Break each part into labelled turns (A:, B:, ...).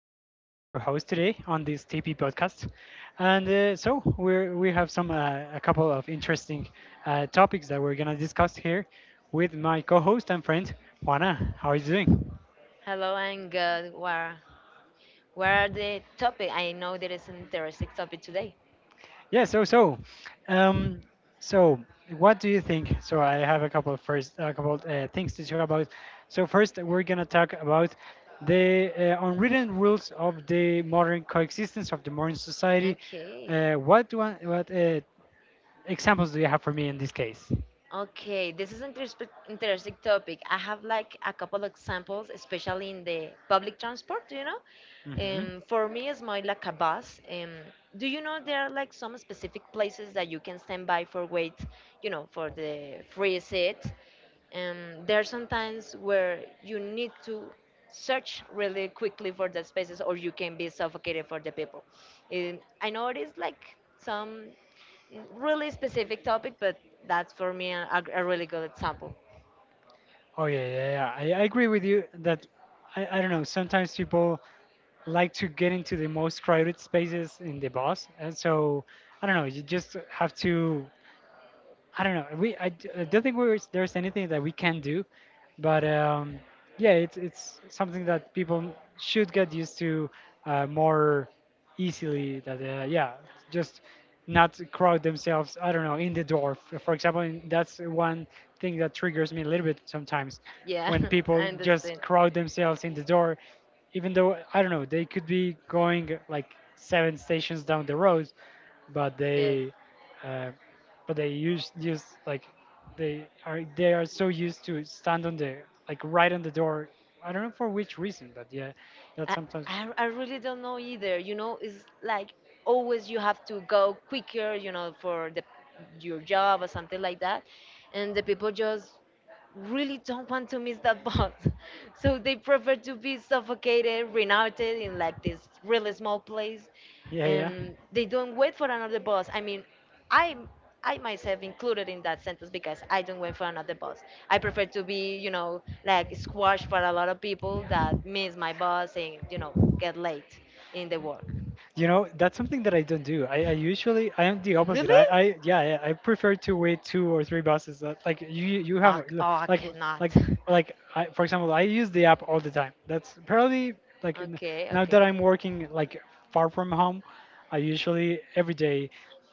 A: will be your host today on this TP podcast. We have some a couple of interesting topics that we're going to discuss here with my co host and friend, Juana. How are you doing?
B: Hello and good. What are the topic? I know there is an interesting topic today.
A: Yeah, so so, um, so what do you think? So I have a couple things to talk about. So first, we're gonna talk about the unwritten rules of the modern society.
B: Okay.
A: What examples do you have for me in this case?
B: Okay, this is an interesting interesting topic. I have like a couple examples, especially in the public transport, you know.
A: hmm
B: For me, it's more like a bus. Do you know there are like some specific places that you can stand by for wait, you know, for the free seat? There are sometimes where you need to search really quickly for the spaces or you can be suffocated for the people. I know it is like some really specific topic, but that's for me a really good example.
A: Oh, yeah, yeah, yeah. I agree with you that I don't know. Sometimes people like to get into the most crowded spaces in the bus, and so I don't know. You just have to, I don't know. I don't think we there's anything that we can do, but yeah, it's something that people should get used to more easily. That, yeah, just not crowd themselves. I don't know, in the door. For example, and that's one thing that triggers me a little bit sometimes
B: Yeah,
A: when
B: I
A: people just
B: understand.
A: crowd themselves in the door, even though I don't know, they could be going like seven stations down the road, but
B: Yes.
A: they. Uh, but they use like they are so used to stand on the, like right on the door. I don't know for which reason, but yeah, that
B: I,
A: sometimes.
B: I really don't know either. You know, it's like always you have to go quicker, you know, for the your job or something like that. And the people just really don't want to miss that bus. So they prefer to be suffocated, renouted in like this really small place
A: Yeah, yeah.
B: and they don't wait for another bus. I mean, I I myself included in that sentence because I don't wait for another bus. I prefer to be, you know, like squashed for a lot of people that miss my bus and, you know, get late in the work.
A: You know, that's something that I don't do. I usually I am the opposite.
B: Really?
A: I I prefer to wait two or three buses. That like you
B: Ah,
A: have
B: oh, I
A: like,
B: cannot.
A: like for example, I use the app all the time. That's probably like n-
B: Okay,
A: now that
B: okay.
A: I'm working like far from home, I usually every day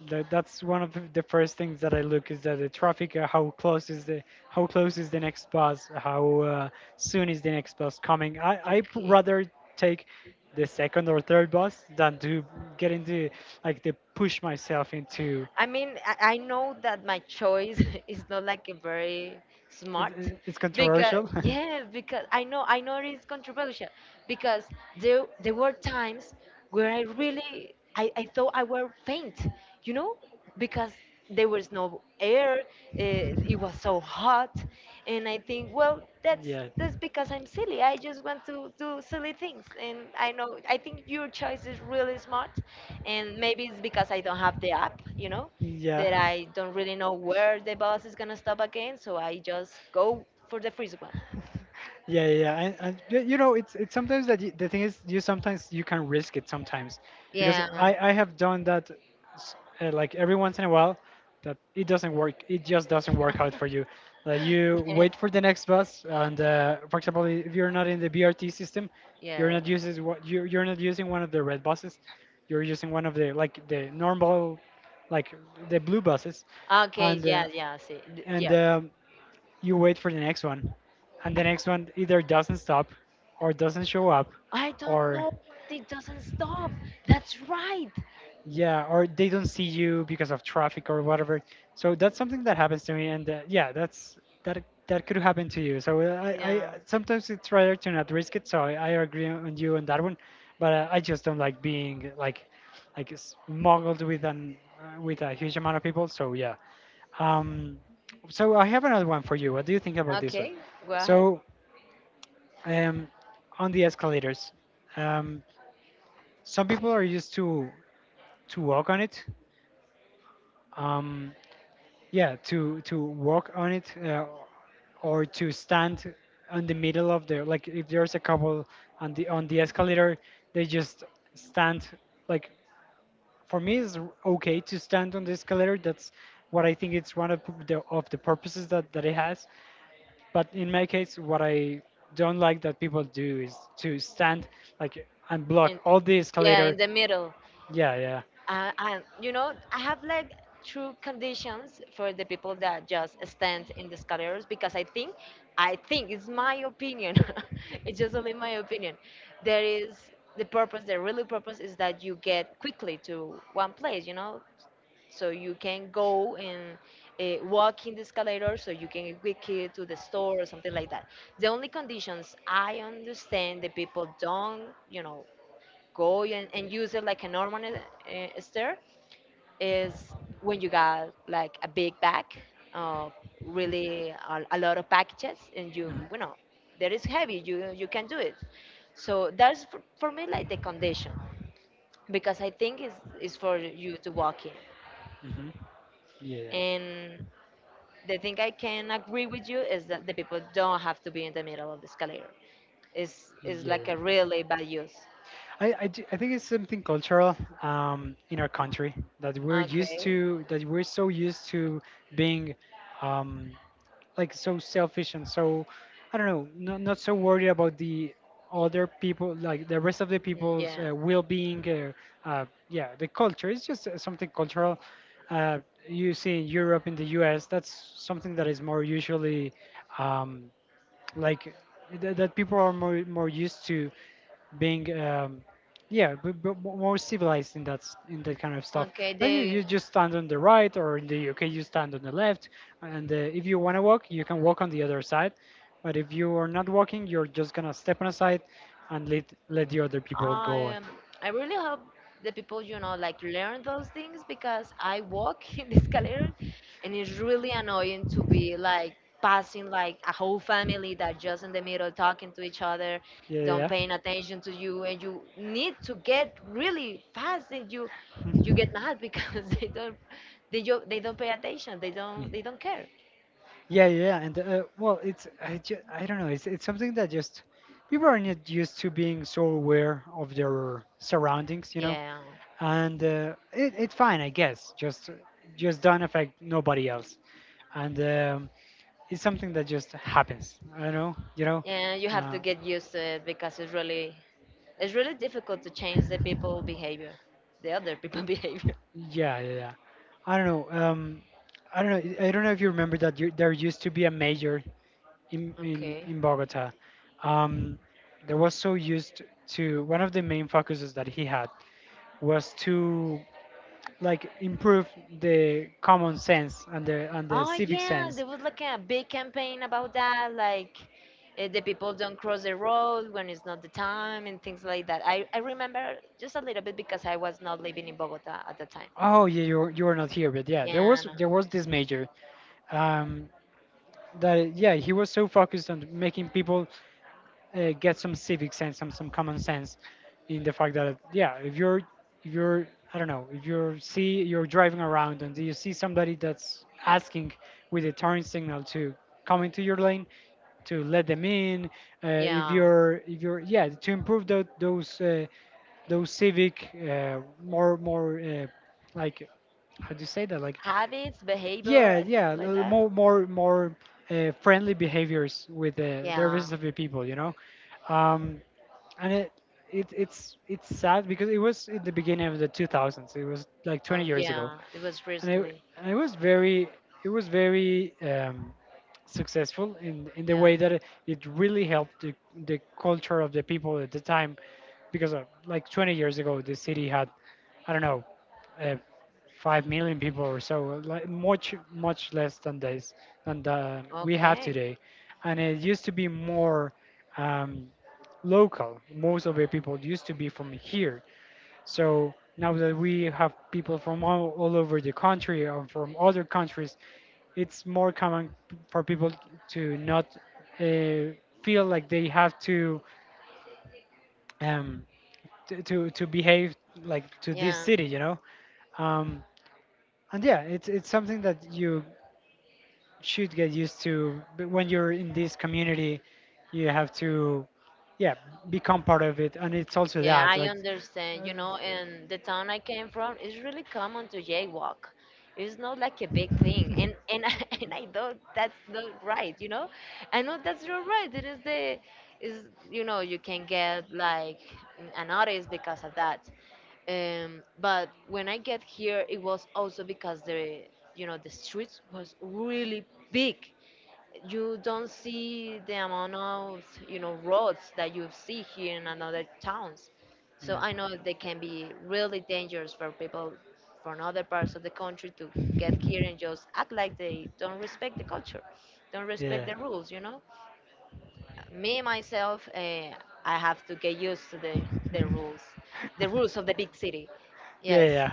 A: that's one of the first things that I look is that the traffic. How close is the next bus, how soon is the next bus coming. I
B: Okay.
A: rather take the second or third boss than to get into, like, to push myself into.
B: I mean, I know that my choice is not like a very smart
A: it's, it's
B: because
A: controversial.
B: yeah, because I know it's controversial because there were times where I really I thought I were faint, you know, because there was no air it was so hot, and I think well,
A: Yeah.
B: that's because I'm silly, I just want to do silly things, and I know I think your choice is really smart, and maybe it's because I don't have the app, you know,
A: Yeah.
B: that I don't really know where the bus is going to stop again, so I just go for the first one.
A: Yeah, yeah, yeah. And you know, it's sometimes that the thing is, you sometimes you can risk it sometimes, because
B: Yeah.
A: I have done that, s- like every once in a while, that it doesn't work. It just doesn't work out for you. Like you
B: Yes.
A: wait for the next bus, and for example, if you're not in the BRT system, you're
B: Yeah.
A: not using what you're not using one of the red buses, you're using one of the like the normal, like the blue buses,
B: Okay,
A: and uh,
B: yeah, yeah, see,
A: and
B: yeah.
A: um, you wait for the next one, and the next one either doesn't stop, or doesn't show up,
B: I don't
A: or
B: know. It doesn't stop. That's right.
A: yeah, or they don't see you because of traffic or whatever. So that's something that happens to me, and yeah, that's that that could happen to you. So I
B: Yeah.
A: sometimes it's rather to not risk it. So I agree on you on that one, but I just don't like being like smuggled with an with a huge amount of people. So yeah. Um, so I have another one for you. What do you think about this one?
B: Okay. Go ahead.
A: So um, on the escalators, um, some people are used to walk on it. Um, yeah, to to walk on it, or to stand on the middle of the, like if there's a couple on the escalator, they just stand like, for me it's okay to stand on the escalator. That's what I think it's one of the purposes that that it has. But in my case, what I don't like that people do is to stand like and block
B: In,
A: all the
B: yeah, in
A: escalator.
B: the middle.
A: Yeah, yeah.
B: And you know, I have like true conditions for the people that just stand in the escalators because I think it's my opinion. It's just only my opinion. There is the purpose. The really purpose is that you get quickly to one place. You know, so you can go and walk in the escalator so you can quick it to the store or something like that. The only conditions I understand that people don't, you know, go and use it like a normal stair is when you got like a big bag, uh, really a lot of packages and you
A: Mhm.
B: you know, that is heavy, you can do it. So that's for me like the condition because I think it's for you to walk in.
A: Mhm. Yeah.
B: And the thing I can agree with you is that the people don't have to be in the middle of the escalator. It's
A: Yeah.
B: like a really bad use.
A: I think it's something cultural in our country that
B: Okay.
A: we're so used to being um, like so selfish and so I don't know, not so worried about the other people, like the rest of the people's
B: Yeah.
A: well-being. Yeah, the culture is just something cultural. Uh, you see in Europe, in the U.S., that's something that is more usually um, like that, that people are more used to being yeah, more civilized in in that kind of stuff,
B: Okay.
A: like you
B: The
A: just stand on the right, or in the UK you stand on the left, and if you want to walk you can walk on the other side, but if you are not walking you're just gonna step on a side and let the other people go.
B: Um, I really hope the people, you know, like learn those things because I walk in the escalator and it's really annoying to be like passing like a whole family that just in the middle talking to each other, don't
A: Yeah,
B: paying attention to you and you need to get really fast and you get mad because they don't they don't pay attention,
A: yeah.
B: they don't care.
A: Yeah, yeah, yeah, and well, it's I don't know. It's something that just people are not used to, being so aware of their surroundings, you know.
B: Yeah.
A: And it it's fine, I guess. Just don't affect nobody else, and it's something that just happens. I don't know, you know.
B: And you have
A: Uh,
B: to get used to it because it's really It's really difficult to change the people behavior, the other people behavior.
A: yeah, yeah, yeah. I don't know. I don't know. I don't know if you remember that you, there used to be a mayor
B: Okay.
A: in Bogota. Um, they was so used to, one of the main focuses that he had was to like improve the common sense and the
B: Oh
A: civic
B: yeah,
A: sense.
B: there was like a big campaign about that, like the people don't cross the road when it's not the time and things like that. I remember just a little bit because I was not living in Bogota at the time.
A: Oh yeah, you were- you are not here, but yeah,
B: Yeah, no,
A: there was this major, um, that yeah, he was so focused on making people get some civic sense, some common sense, in the fact that yeah, if you're, I don't know, if you're see you're driving around and you see somebody that's asking with a turn signal to come into your lane, to let them in,
B: yeah,
A: if you're yeah, to improve those civic, more like, how do you say that, like,
B: habits, behavior,
A: yeah, yeah,
B: something like that.
A: more friendly behaviors with the
B: Yeah,
A: rest of the people, you know. um, and it it's sad because it was in the beginning of the 2000s. It was like 20
B: oh
A: years ago,
B: yeah, it was
A: and I
B: recently.
A: and I was very, it was very successful in the
B: Yeah,
A: way that it really helped the culture of the people at the time, because like 20 years ago the city had, I don't know, uh, 5 million people or so, like much much less than this than we have
B: okay,
A: today. And it used to be more um, local, most of the people used to be from here. So now that we have people from all over the country or from other countries, it's more common for people to not uh, feel like they have um, to behave like to this
B: yeah.
A: city, you know. Um, and yeah, it's something that you should get used to. But when you're in this community, you have to, yeah, become part of it. And it's also
B: Yeah,
A: that
B: I
A: like. uh,
B: understand. You know, in the town I came from, it's really common to jaywalk. It's not like a big thing, and and I know that's not right. You know, I know that's not right. It is the is you know you can get like an notice because of that. But when I get here, it was also because the you know the streets was really big, you don't see the amount of, you know, roads that you see here in another towns, so
A: Yeah.
B: I know they can be really dangerous for people from other parts of the country to get here and just act like they don't respect the culture, don't respect
A: Yeah.
B: the rules, you know. Me myself, I have to get used to the rules, the rules of the big city.
A: Yeah,
B: Yes.
A: yeah,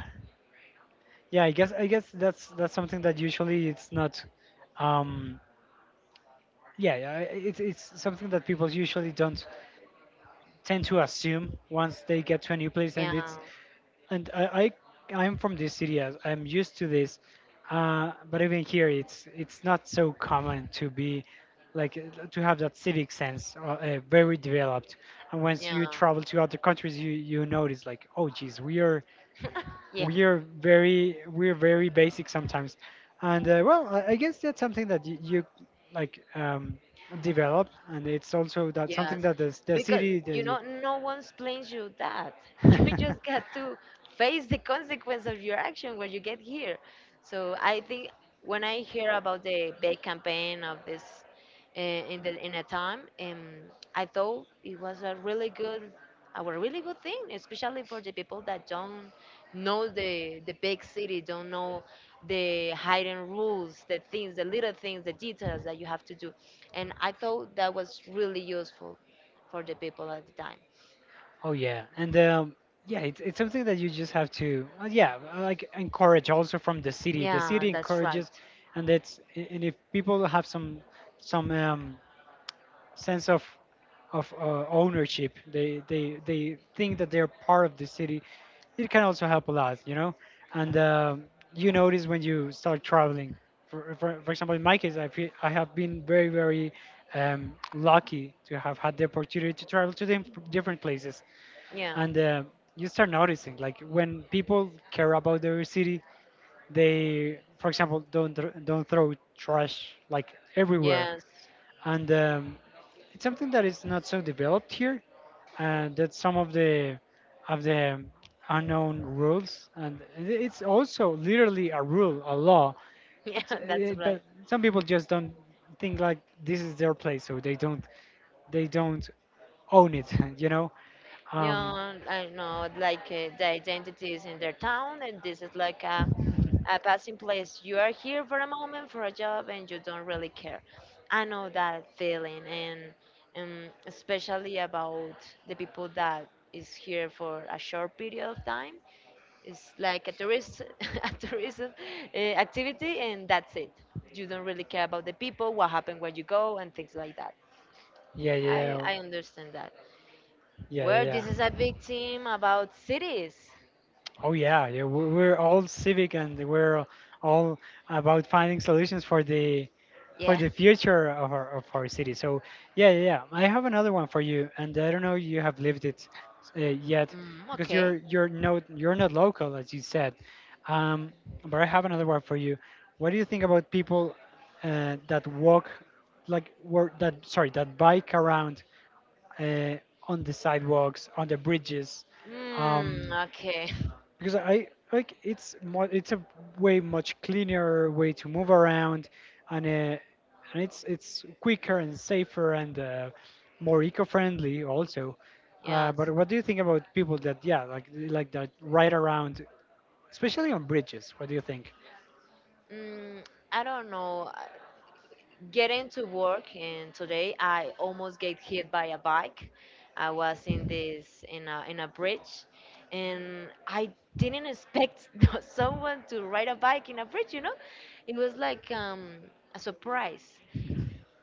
A: yeah. I guess that's something that usually it's not. Um, yeah, yeah. It's something that people usually don't tend to assume once they get to a new place, and
B: Yeah,
A: and I, I I'm from this city. I'm used to this, but even here, it's not so common to be like to have that civic sense, very developed. And once you
B: yeah.
A: travel to other countries, you notice like, oh, geez,
B: Yeah.
A: we are very, we're very basic sometimes. And well, I guess that's something that you like develop, and it's also that something
B: Yes,
A: that the
B: because
A: city.
B: you know, no one explains you that. You
A: The
B: just got to face the consequence of your action when you get here. So I think when I hear about the big campaign of this in the in a time, I thought it was a really good thing, especially for the people that don't know the big city, don't know the hidden rules, the things, the little things, the details that you have to do. And I thought that was really useful for the people at the time.
A: Oh yeah, and yeah, it's something that you just have to like encourage also from the city. The
B: Yeah,
A: city
B: that's right.
A: encourages, and and if people have some some um, sense of ownership, they think that they're part of the city. It can also help a lot, you know. And you notice when you start traveling. For example, in my case, I feel I have been very very lucky to have had the opportunity to travel to the different places,
B: Yeah,
A: and you start noticing, like, when people care about their city, they for example don't throw trash, like, everywhere.
B: yes,
A: And it's something that is not so developed here, and that's some of the unknown rules, and it's also literally a rule, a law,
B: yeah,
A: but
B: that's right.
A: some people just don't think like this is their place, so they don't, they don't own it. you know um,
B: Yeah, I know, like the identity is in their town, and this is like a passing place. You are here for a moment for a job, and you don't really care. I know that feeling, and especially about the people that is here for a short period of time. It's like a tourist, a tourism activity, and that's it. You don't really care about the people, what happened when you go, and things like that.
A: Yeah, yeah,
B: I understand that.
A: yeah, yeah,
B: Well,
A: yeah.
B: this is a big team about cities.
A: Oh yeah, yeah. We're all civic, and we're all about finding solutions for
B: Yeah.
A: the future of our city. So yeah, yeah, yeah. I have another one for you, and I don't know you have lived it yet,
B: Mm,
A: because you're
B: okay.
A: you're not local, as you said. Um, but I have another one for you. What do you think about people that walk, that, sorry, that bike around, uh, on the sidewalks, on the bridges,
B: Mm,
A: um,
B: okay.
A: because, I like, it's more, it's a way much cleaner way to move around, and it's quicker and safer and more eco-friendly also.
B: Yes.
A: But what do you think about people that, yeah, like, that ride around, especially on bridges? What do you think?
B: Mm, I don't know. Getting to work and today I almost get hit by a bike. I was in this in a bridge and I didn't expect someone to ride a bike in a bridge, you know. It was like a surprise.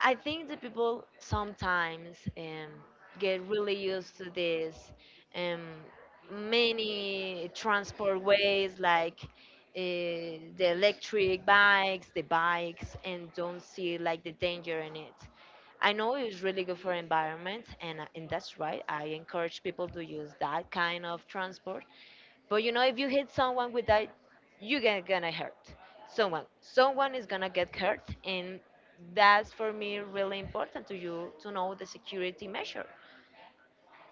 B: I think the people sometimes get really used to this um, many transport ways like the electric bikes, the bikes, and don't see like the danger in it. I know it's really good for environment, and that's right. I encourage people to use that kind of transport, but you know, if you hit someone with that, you get gonna hurt someone. Someone is gonna get hurt, and that's for me really important to you to know the security measure.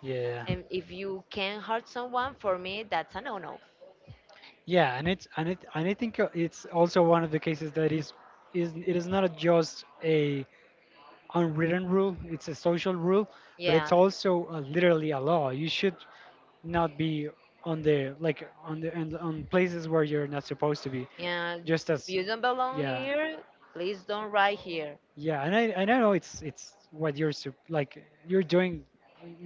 A: Yeah,
B: And if you can hurt someone, for me that's a no-no.
A: yeah, and it's, and I think, it's also one of the cases that is not a just a unwritten rule, it's a social rule, but it's
B: Yeah,
A: also literally a law. You should not be on the, like, on the, on places where you're not supposed to be,
B: yeah.
A: just
B: If
A: as.
B: you don't belong
A: Yeah,
B: here, please don't ride here.
A: yeah, and I know it's, what you're, you're doing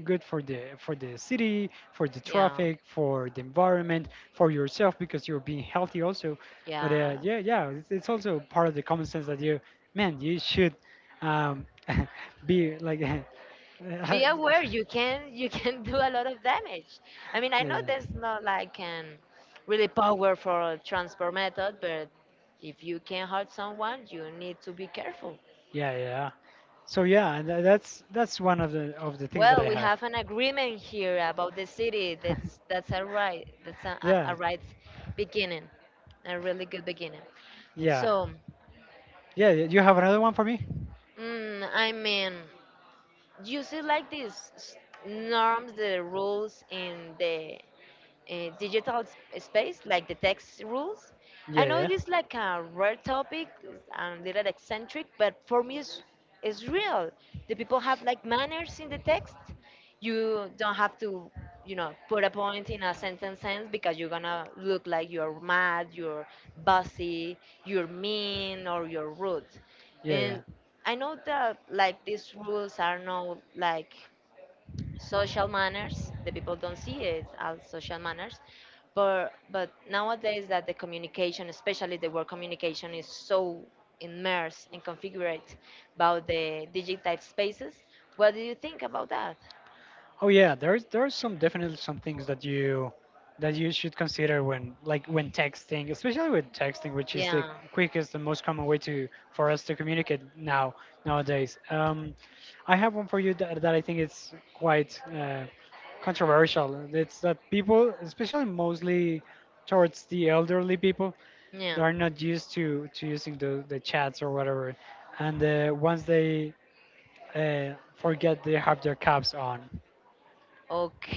A: good for the, for the city, for the
B: Yeah,
A: traffic, for the environment, for yourself, because you're being healthy also. But
B: yeah.
A: yeah, yeah, it's also part of the common sense that you, man, you should um, be like, yeah,
B: Be aware, you can do a lot of damage. I mean, I know
A: yeah,
B: there's not like an really powerful transfer method, but if you can hurt someone you need to be careful.
A: yeah, yeah. So yeah, and that's one of the, of the things that
B: Well,
A: I
B: we
A: have.
B: have an agreement here about the city. That's a right, that's
A: Yeah.
B: a right beginning, a really good beginning.
A: Yeah.
B: So,
A: Yeah, you have another one for me?
B: I mean, you see like these norms, the rules in the digital space, like the text rules. I
A: Yeah,
B: know
A: yeah.
B: it is like a rare topic, it's a little eccentric, but for me, it's real. The people have like manners in the text. You don't have to, you know, put a point in a sentence ends because you're gonna look like you're mad, you're bossy, you're mean, or you're rude.
A: Yeah, yeah.
B: And I know that like these rules are not like social manners, the people don't see it as social manners, but nowadays that the communication, especially the word communication, is so immersed and configured about the digital spaces. What do you think about that?
A: Oh yeah, there's, there are some, definitely some things that you, that you should consider when, like, when texting, especially with texting, which is the
B: Yeah,
A: quickest and most common way to for us to communicate nowadays. I have one for you that, I think is quite controversial. It's that people, especially mostly towards the elderly people,
B: yeah.
A: that are not used to, using the, chats or whatever, and once they forget they have their caps on,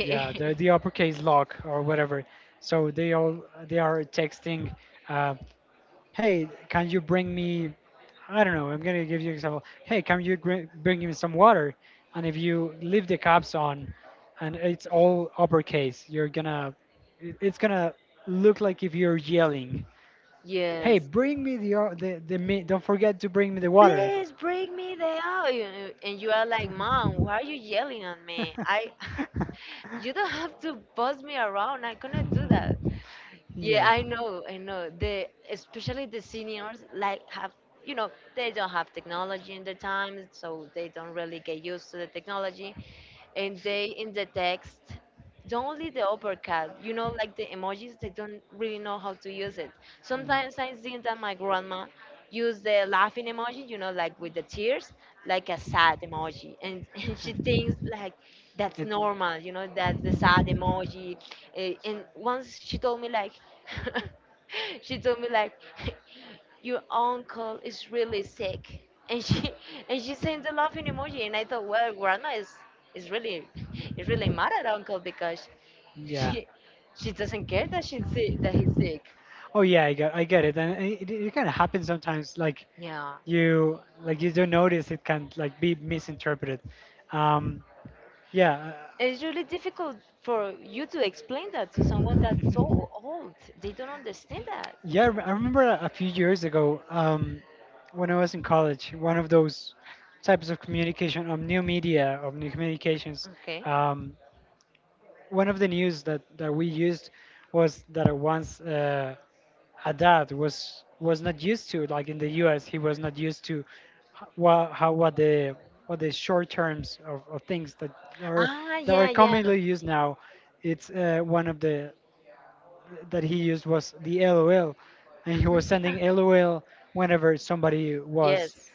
A: yeah, the, uppercase lock or whatever. So they all, they are texting, uh, hey, can you bring me, I don't know, I'm gonna give you an example. Hey, bring me some water? And if you leave the caps on, and it's all uppercase, you're gonna, it's gonna look like if you're yelling. Hey,
B: Yes,
A: bring me the o- the, the mi- don't forget to bring me the water.
B: please bring me the out. And you are like, mom, why are you yelling at me? I you don't have to boss me around, I cannot do that. Yeah,
A: Yes.
B: I
A: Mm.
B: know, I know. The Especially the seniors like have, you know they don't have technology in their time, so they don't really get used to the technology. And they in the text don't only the uppercut, like the emojis, they don't really know how to use it. Sometimes I see that my grandma use the laughing emoji, like with the tears, like a sad emoji and, and she thinks like that's
A: It,
B: normal, that's the sad emoji. And once she told me, like, she told me, like, your uncle is really sick, and she and she sent the laughing emoji, and I thought, well, grandma is really is really mad at uncle because
A: yeah.
B: she she doesn't care that she's sick, that he's sick.
A: Oh yeah, I got I get it, and it kind of happens sometimes. Like,
B: Yeah.
A: you don't notice, it can, like, be misinterpreted. um yeah.
B: And it's really difficult for you to explain that to someone that's so old. They don't understand that.
A: Yeah, I remember a few years ago, when I was in college, one of those types of communication, of new media, of new communications,
B: Okay.
A: um one of the news that, we used, was that I once, Haddad was not used to, like, in the US, he was not used to what how what the what the short terms of, things that are,
B: Ah,
A: that are
B: yeah, yeah.
A: commonly used now. It's one of the, that he used, was the LOL, and he was sending LOL whenever somebody was,
B: Yes,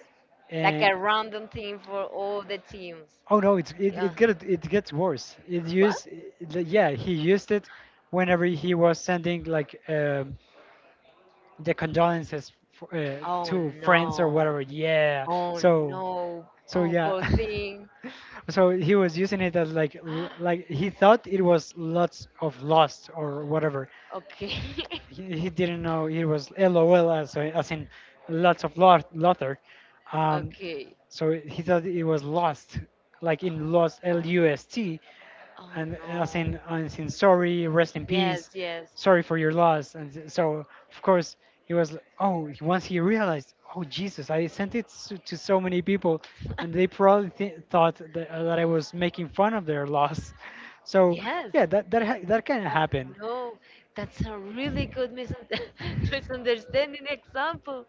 B: like
A: uh,
B: a random thing for all the teams.
A: oh no, it's,
B: Yeah.
A: it gets worse. It
B: What?
A: used it, the- Yeah, he used it whenever he was sending, the condolences
B: Oh
A: to friends or
B: no.
A: whatever. Yeah.
B: Oh
A: So
B: no.
A: so
B: Oh
A: yeah.
B: poor thing.
A: So he was using it as, like he thought it was lots of lost, or whatever.
B: Okay.
A: He didn't know it was LOL, as in lots of lotter. Um,
B: Okay.
A: so he thought it was lost, like in lost lust,
B: Oh
A: and
B: no.
A: as in, and in, sorry, rest in
B: Yes,
A: peace,
B: yes.
A: sorry for your loss. And so, of course, he was like, oh, once he realized, oh Jesus, I sent it to so many people, and they probably thought that, that I was making fun of their loss. So yeah,
B: Yes.
A: that can happen.
B: No, that's a really good misun- misunderstanding example.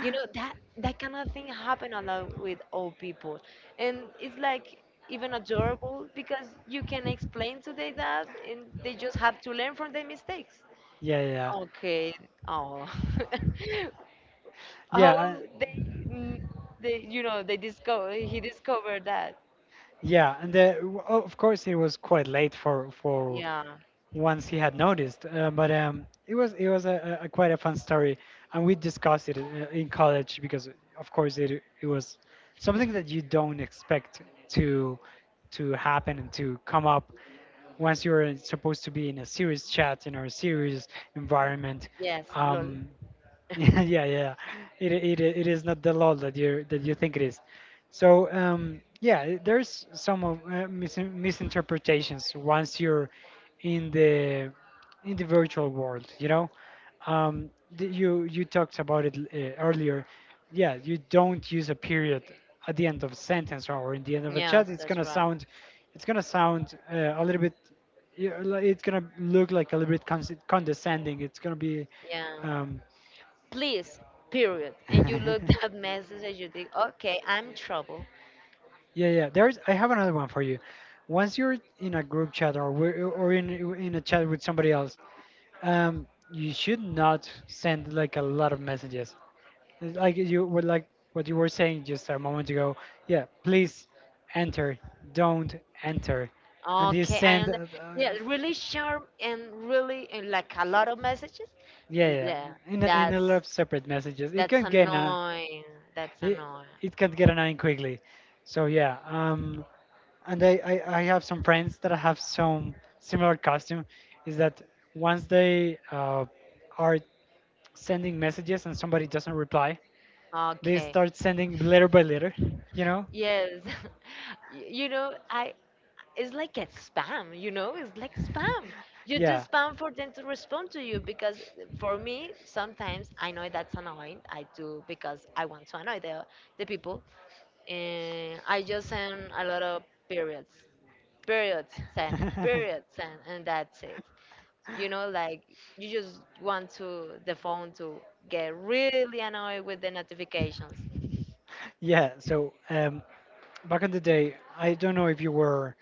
B: You know that that kind of thing happen a lot with old people, and it's like even adorable because you can explain to them that, and they just have to learn from their mistakes.
A: Yeah, yeah,
B: Okay. Oh.
A: yeah.
B: Oh, they, they, you know, they discover he discovered that.
A: Yeah, and of course, it was quite late, for
B: Yeah.
A: once he had noticed. But it was, it was a, a quite a fun story, and we discussed it in college, because, of course, it was something that you don't expect to, happen and to come up once you're supposed to be in a serious chat, in our serious environment.
B: Yes, lol.
A: Um, yeah, yeah, yeah. It is not the law that you, that you think it is. So yeah, there's some misinterpretations once you're in the, in the virtual world. You know, um, you, talked about it earlier. Yeah, you don't use a period at the end of a sentence, or in the end of a chat.
B: Yes,
A: It's
B: that's
A: gonna
B: right.
A: sound, a little bit. Yeah, it's gonna look like a little bit condescending. It's gonna be
B: Yeah.
A: um,
B: Please, period. And you look that message and you think, okay, I'm trouble.
A: yeah, yeah. There's. I have another one for you. Once you're in a group chat, or in, a chat with somebody else, you should not send like a lot of messages. It's like you were, like what you were saying just a moment ago. Yeah, please, enter. Don't enter. And you
B: Okay, I
A: send.
B: am. Yeah, really sharp and really and like a lot of messages.
A: Yeah, yeah.
B: Yeah,
A: In a lot
B: that's
A: of separate messages, it
B: that's
A: can get an,
B: annoying. That's
A: it,
B: annoying.
A: it can get annoying quickly. So yeah. And I have some friends that have some similar costume, is that once they are sending messages and somebody doesn't reply, they
B: Okay.
A: start sending letter by letter, you know
B: Yes. You know, I it's like a spam, you know? It's like spam. You do
A: yeah.
B: spam for them to respond to you because for me, sometimes I know that's annoying. I do because I want to annoy the people. And I just send a lot of periods. Periods sent, and that's it. You know, like you just want to the phone to get really annoyed with the notifications.
A: Yeah. So back in the day, I don't know if you were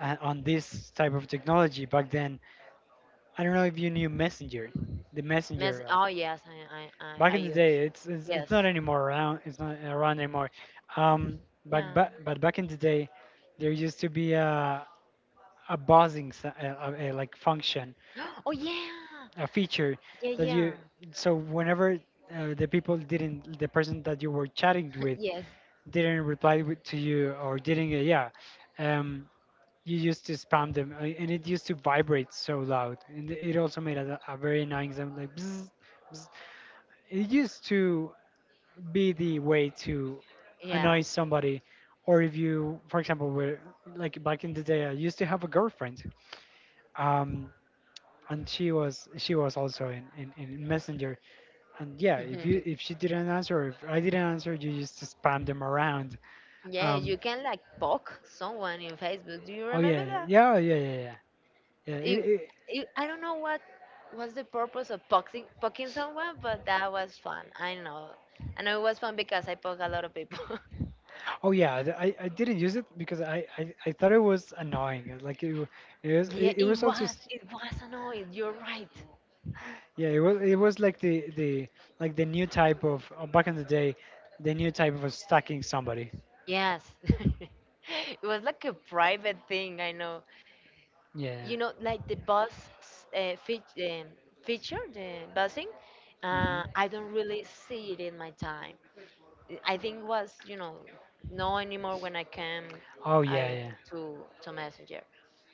A: on this type of technology back then. I don't know if you knew Messenger, the
B: Mess,
A: Messenger.
B: oh yes, I I I,
A: Back
B: I
A: in the
B: use.
A: day, it's
B: Yes.
A: not anymore around. It's not around anymore. Um,
B: Yeah.
A: but back in the day, there used to be a, buzzing like function,
B: Oh yeah.
A: a feature
B: Yeah,
A: that you.
B: yeah.
A: So whenever the people didn't, the person that you were chatting with
B: Yes.
A: didn't reply to you, or didn't, yeah. Um, you used to spam them, and it used to vibrate so loud, and it also made a, very annoying sound, like bzz, bzz. It used to be the way to
B: Yeah.
A: annoy somebody. Or if you, for example, were, like, back in the day, I used to have a girlfriend, um and she was also in, in messenger, and yeah, if she didn't answer, or if I didn't answer, you used to spam them around.
B: Yeah,
A: um
B: you can like poke someone in Facebook. Do you
A: Oh
B: remember
A: yeah,
B: that?
A: yeah, yeah, yeah, yeah. Yeah. Yeah,
B: It, I don't know what was the purpose of poking someone, but that was fun. I know. I know it was fun because I poke a lot of people.
A: oh yeah, I, didn't use it because I thought it was annoying. Like,
B: Yeah,
A: it
B: it
A: was also
B: was. It was annoying. You're right.
A: yeah, it was like the new type of, back in the day, the new type of stacking somebody.
B: Yes. It was like a private thing, I know.
A: Yeah.
B: You know, like the bus uh, fe- um, feature, the busing,
A: Mhm.
B: I don't really see it in my time. I think was, you know, no anymore when I came
A: Oh yeah,
B: I,
A: yeah.
B: to, Messenger.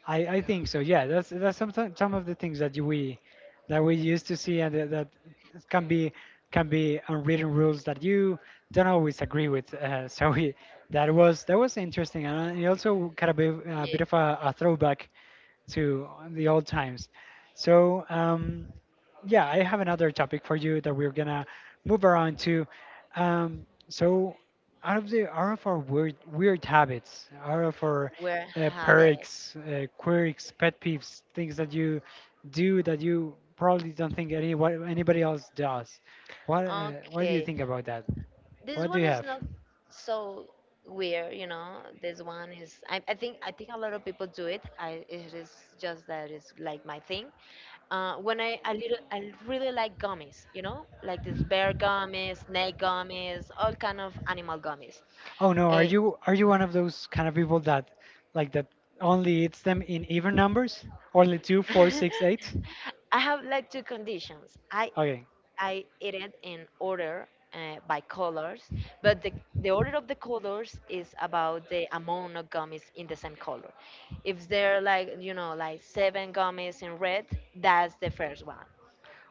A: I think so. Yeah, that's some of the things that we, that we used to see, and that can be, can be unwritten rules that you don't always agree with. So, that was, that was interesting, and it also kind of be a
B: Yeah,
A: bit of a, throwback to the old times. So yeah, I have another topic for you that we're gonna move around to. So, out of the, out of our weird, weird habits, out of our
B: where have it?
A: quirks, pet peeves, things that you do, that you probably don't think anybody else does. What do you
B: Okay,
A: think about that?
B: this
A: What do
B: one
A: you
B: is
A: have?
B: not so weird, you know. This one is, I think a lot of people do it. I, it is just that it's like my thing. When I a little I really like gummies, you know, like this bear gummies, snake gummies, all kind of animal gummies.
A: Oh no, are
B: Uh,
A: you, are you one of those kind of people that, that only eats them in even numbers? Only two, four, six, eight?
B: I have like two conditions.
A: Okay.
B: I eat it in order by colors, but the order of the colors is about the amount of gummies in the same color. If there are like you know like 7 gummies in red, that's the first one.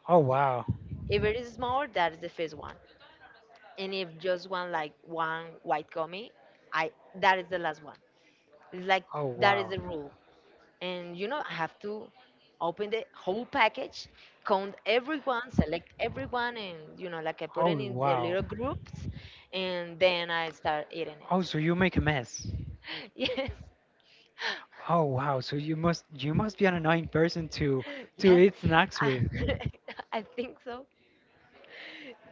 A: Oh wow.
B: If it is small, that is the first one. And if just one like one white gummy, I that is the last one. It's like
A: Oh
B: that is
A: wow.
B: the rule. And you know, I have to open the whole package, count everyone, select everyone and you know, like I put
A: Oh
B: it in the
A: wow.
B: little groups and then I start eating
A: Oh,
B: it.
A: so you make a mess.
B: Yes.
A: Oh wow. So you must, you must be an annoying person to,
B: Yes.
A: eat snacks
B: I,
A: with.
B: I think so.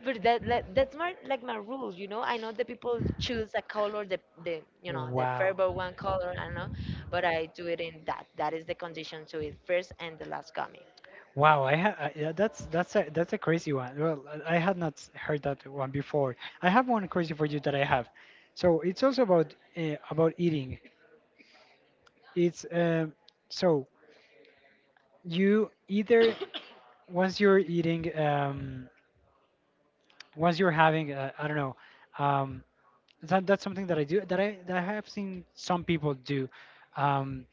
B: But that that's more like my rules, you know. I know that people choose a color, the you know the
A: Wow.
B: Fairbow one color. I don't know, but I do it in that. That is the condition to it first and the last coming.
A: Wow, yeah, that's that's a crazy one. Well, I had not heard that one before. I have one crazy for you that I have. So it's also about, about eating. It's so you either once you're eating um once you're having I don't know um that's something that I do that I have seen some people do. um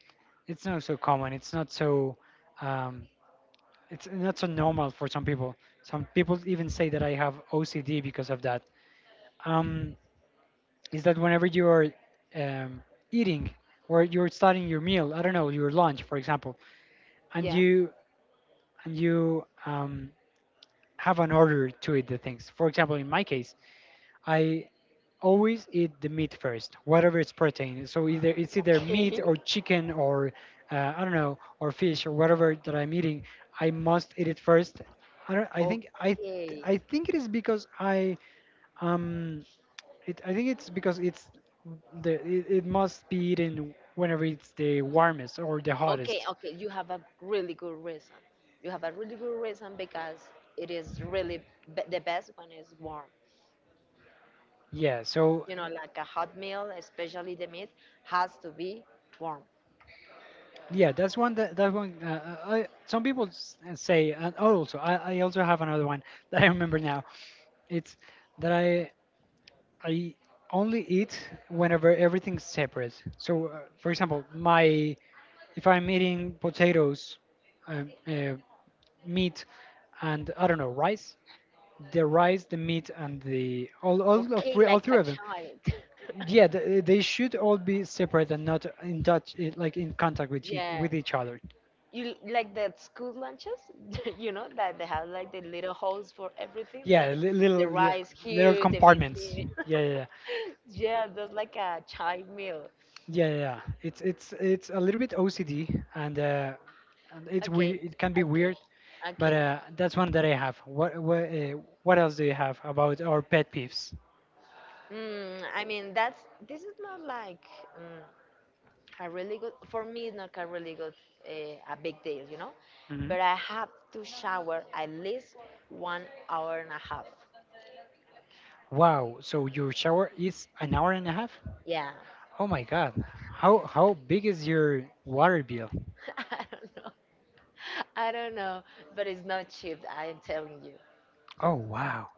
A: it's not so common. It's not so um it's not so normal for some people. Some people even say that I have OCD because of that. um is that whenever you're um eating, or you're starting your meal, I don't know, your lunch for example. and
B: Yeah.
A: you and you have an order to eat the things. For example, in my case, I always eat the meat first, whatever it's protein. So either meat
B: Okay.
A: or chicken or I don't know, or fish or whatever that I'm eating. I must eat it first. I don't.
B: Okay.
A: I think it is because I um I think it's because it's it must be eaten whenever it's the warmest or the
B: Okay,
A: hottest.
B: okay, you have a really good reason. You have a really good reason because it is really be the best when it's warm.
A: Yeah, so
B: You know,
A: You
B: like a hot meal, especially the meat, has to be warm.
A: Yeah, that's one. Some people say, and oh, also I also have another one that I remember now. It's that I only eat whenever everything's separate. So, for example, my if I'm eating potatoes, um, uh, meat, and I don't know, rice, the meat, and the all of
B: Okay,
A: three, all
B: like a
A: three of them.
B: child.
A: Yeah, they should all be separate and not in touch, eh, like in contact with
B: Yeah.
A: with each other.
B: You like the school lunches you know that they have like the little holes for everything like
A: Yeah, li-
B: the
A: little yeah,
B: rice
A: Little
B: here, the meat
A: compartments.
B: here,
A: Yeah, yeah, yeah,
B: yeah, that's like a child meal.
A: yeah, yeah. It's a little bit OCD, and
B: Okay,
A: it can be
B: okay,
A: weird, but
B: okay.
A: that's one that I have. What else do you have about our pet peeves?
B: I mean that's this is not like mm, a really good, for me it's not a really good uh, a big deal, you know,
A: hmm
B: but I have to shower at least one hour and a half.
A: Wow, so your shower is an hour and a half?
B: Yeah.
A: Oh my God. How big is your water bill?
B: I don't know. I don't know, but it's not cheap, I'm telling you.
A: Oh wow.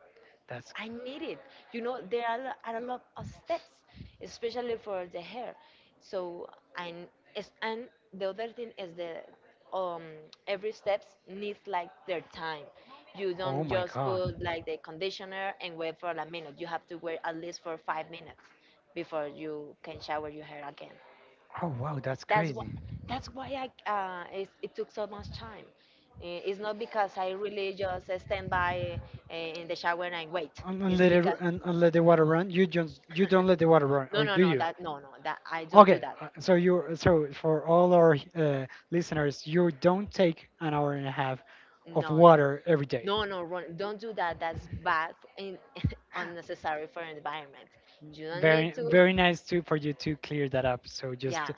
A: That's—
B: I need it. You know, there are, are a lot of steps, especially for the hair. So, I, it's, and the other thing is the um, every steps needs like their time. You
A: Oh
B: don't
A: my
B: just
A: God.
B: put like the conditioner and wait for a minute. You have to wait at least for 5 minutes before you can shower your hair again.
A: Oh wow, that's
B: That's why,
A: crazy.
B: that's why I it, it took so much time. It's not because I really just stand by in the shower and I wait.
A: And, and
B: It's
A: let it
B: because
A: and, and let the water run. You don't let the water run,
B: no
A: or
B: no
A: do
B: no
A: you?
B: that, no no that I don't do
A: Okay,
B: that.
A: so you, so for all our listeners, you don't take an hour and a half of
B: No, no,
A: water every day.
B: no, no run, don't do that. That's bad and unnecessary for environment. You don't need
A: Very
B: to.
A: very nice to for you to clear that up. So
B: Yeah,
A: just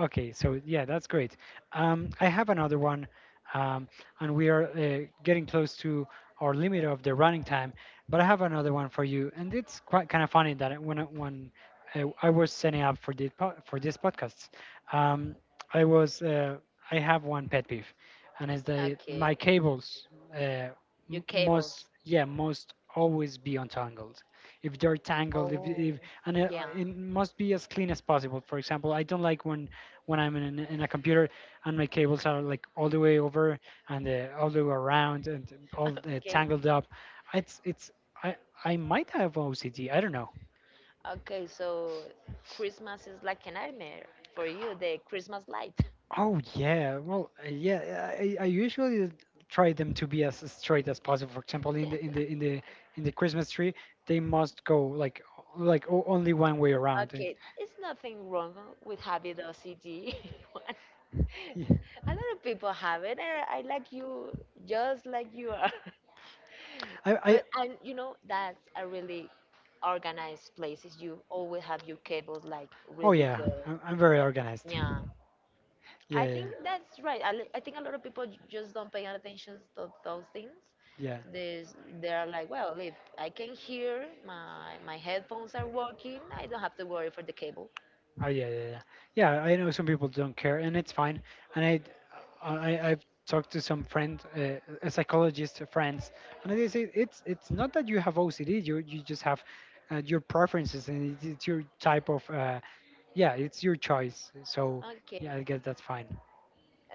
A: Okay, so yeah, that's great. I have another one, um, and we are getting close to our limit of the running time. But I have another one for you, and it's quite kind of funny that I was setting up for for this podcast. um, I was I have one pet peeve, and it's that
B: okay.
A: my cables— uh,
B: Your
A: Your cables
B: cables.
A: must always be untangled. If they're tangled,
B: Oh
A: if and it,
B: yeah.
A: it must be as clean as possible. For example, I don't like when I'm in a computer and my cables are like all the way over and all the way around and all
B: Okay.
A: tangled up. It's I I might have OCD. I don't know.
B: Okay, so Christmas is like a nightmare for you, the Christmas light.
A: Oh yeah, well yeah. I usually try them to be as straight as possible. For example, in the in the in the in the Christmas tree, they must go like only one way around. And—
B: Okay, it's nothing wrong with having the OCD. One,
A: yeah.
B: a lot of people have it, and I like you just like you are.
A: I
B: But and you know that's a really organized places. You always have your cables like
A: Oh
B: really
A: yeah,
B: good.
A: I'm very organized.
B: Yeah,
A: Yeah
B: I
A: yeah
B: think that's right. I think a lot of people just don't pay attention to those things.
A: yeah.
B: There's, they're like, well, if I can hear, my headphones are working, I don't have to worry for the cable.
A: Oh yeah, yeah, yeah. Yeah, I know some people don't care, and it's fine. And I, I've talked to some a psychologist friends, and they say it's not that you have OCD. You just have your preferences, and it's your type of yeah, it's your choice. So
B: Okay.
A: yeah, I guess that's fine.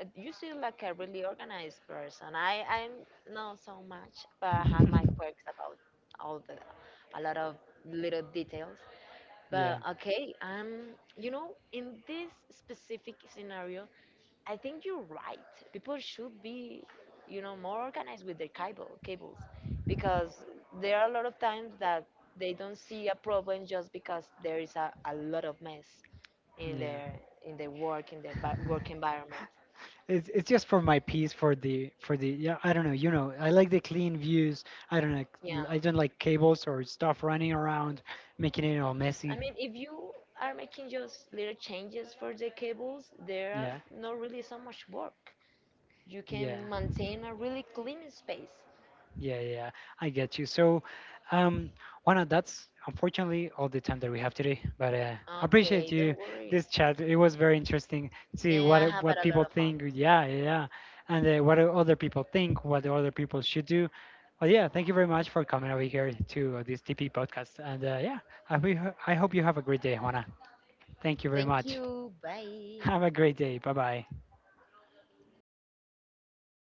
B: You seem like a really organized person. I, I'm not so much, but I have my quirks about all the a lot of little details.
A: Yeah.
B: But okay, you know, in this specific scenario, I think you're right. People should be, you know, more organized with their cables, because there are a lot of times that they don't see a problem just because there is a lot of mess in
A: Yeah.
B: their in their work in their work environment.
A: It's just for my peace, for the, for the, yeah, I don't know, you know, I like the clean views. I don't like—
B: Yeah,
A: I don't like cables or stuff running around making it all
B: I
A: messy.
B: mean, if you are making just little changes for the cables, there are
A: Yeah,
B: not really so much work. You
A: yeah
B: can maintain a really clean space.
A: yeah. I get you. So, um, Juana, that's unfortunately all the time that we have today. But I appreciate
B: Okay,
A: you,
B: don't worry.
A: this chat. It was very interesting to see
B: Yeah, I have had
A: what
B: a lot
A: people
B: of fun.
A: think. Yeah, yeah, yeah. And what other people think, what other people should do. Well, yeah, thank you very much for coming over here to this TP podcast. And yeah, I, we, I hope you have a great day, Juana. Thank you very
B: Thank
A: much.
B: you. Bye.
A: Have a great day. Bye bye.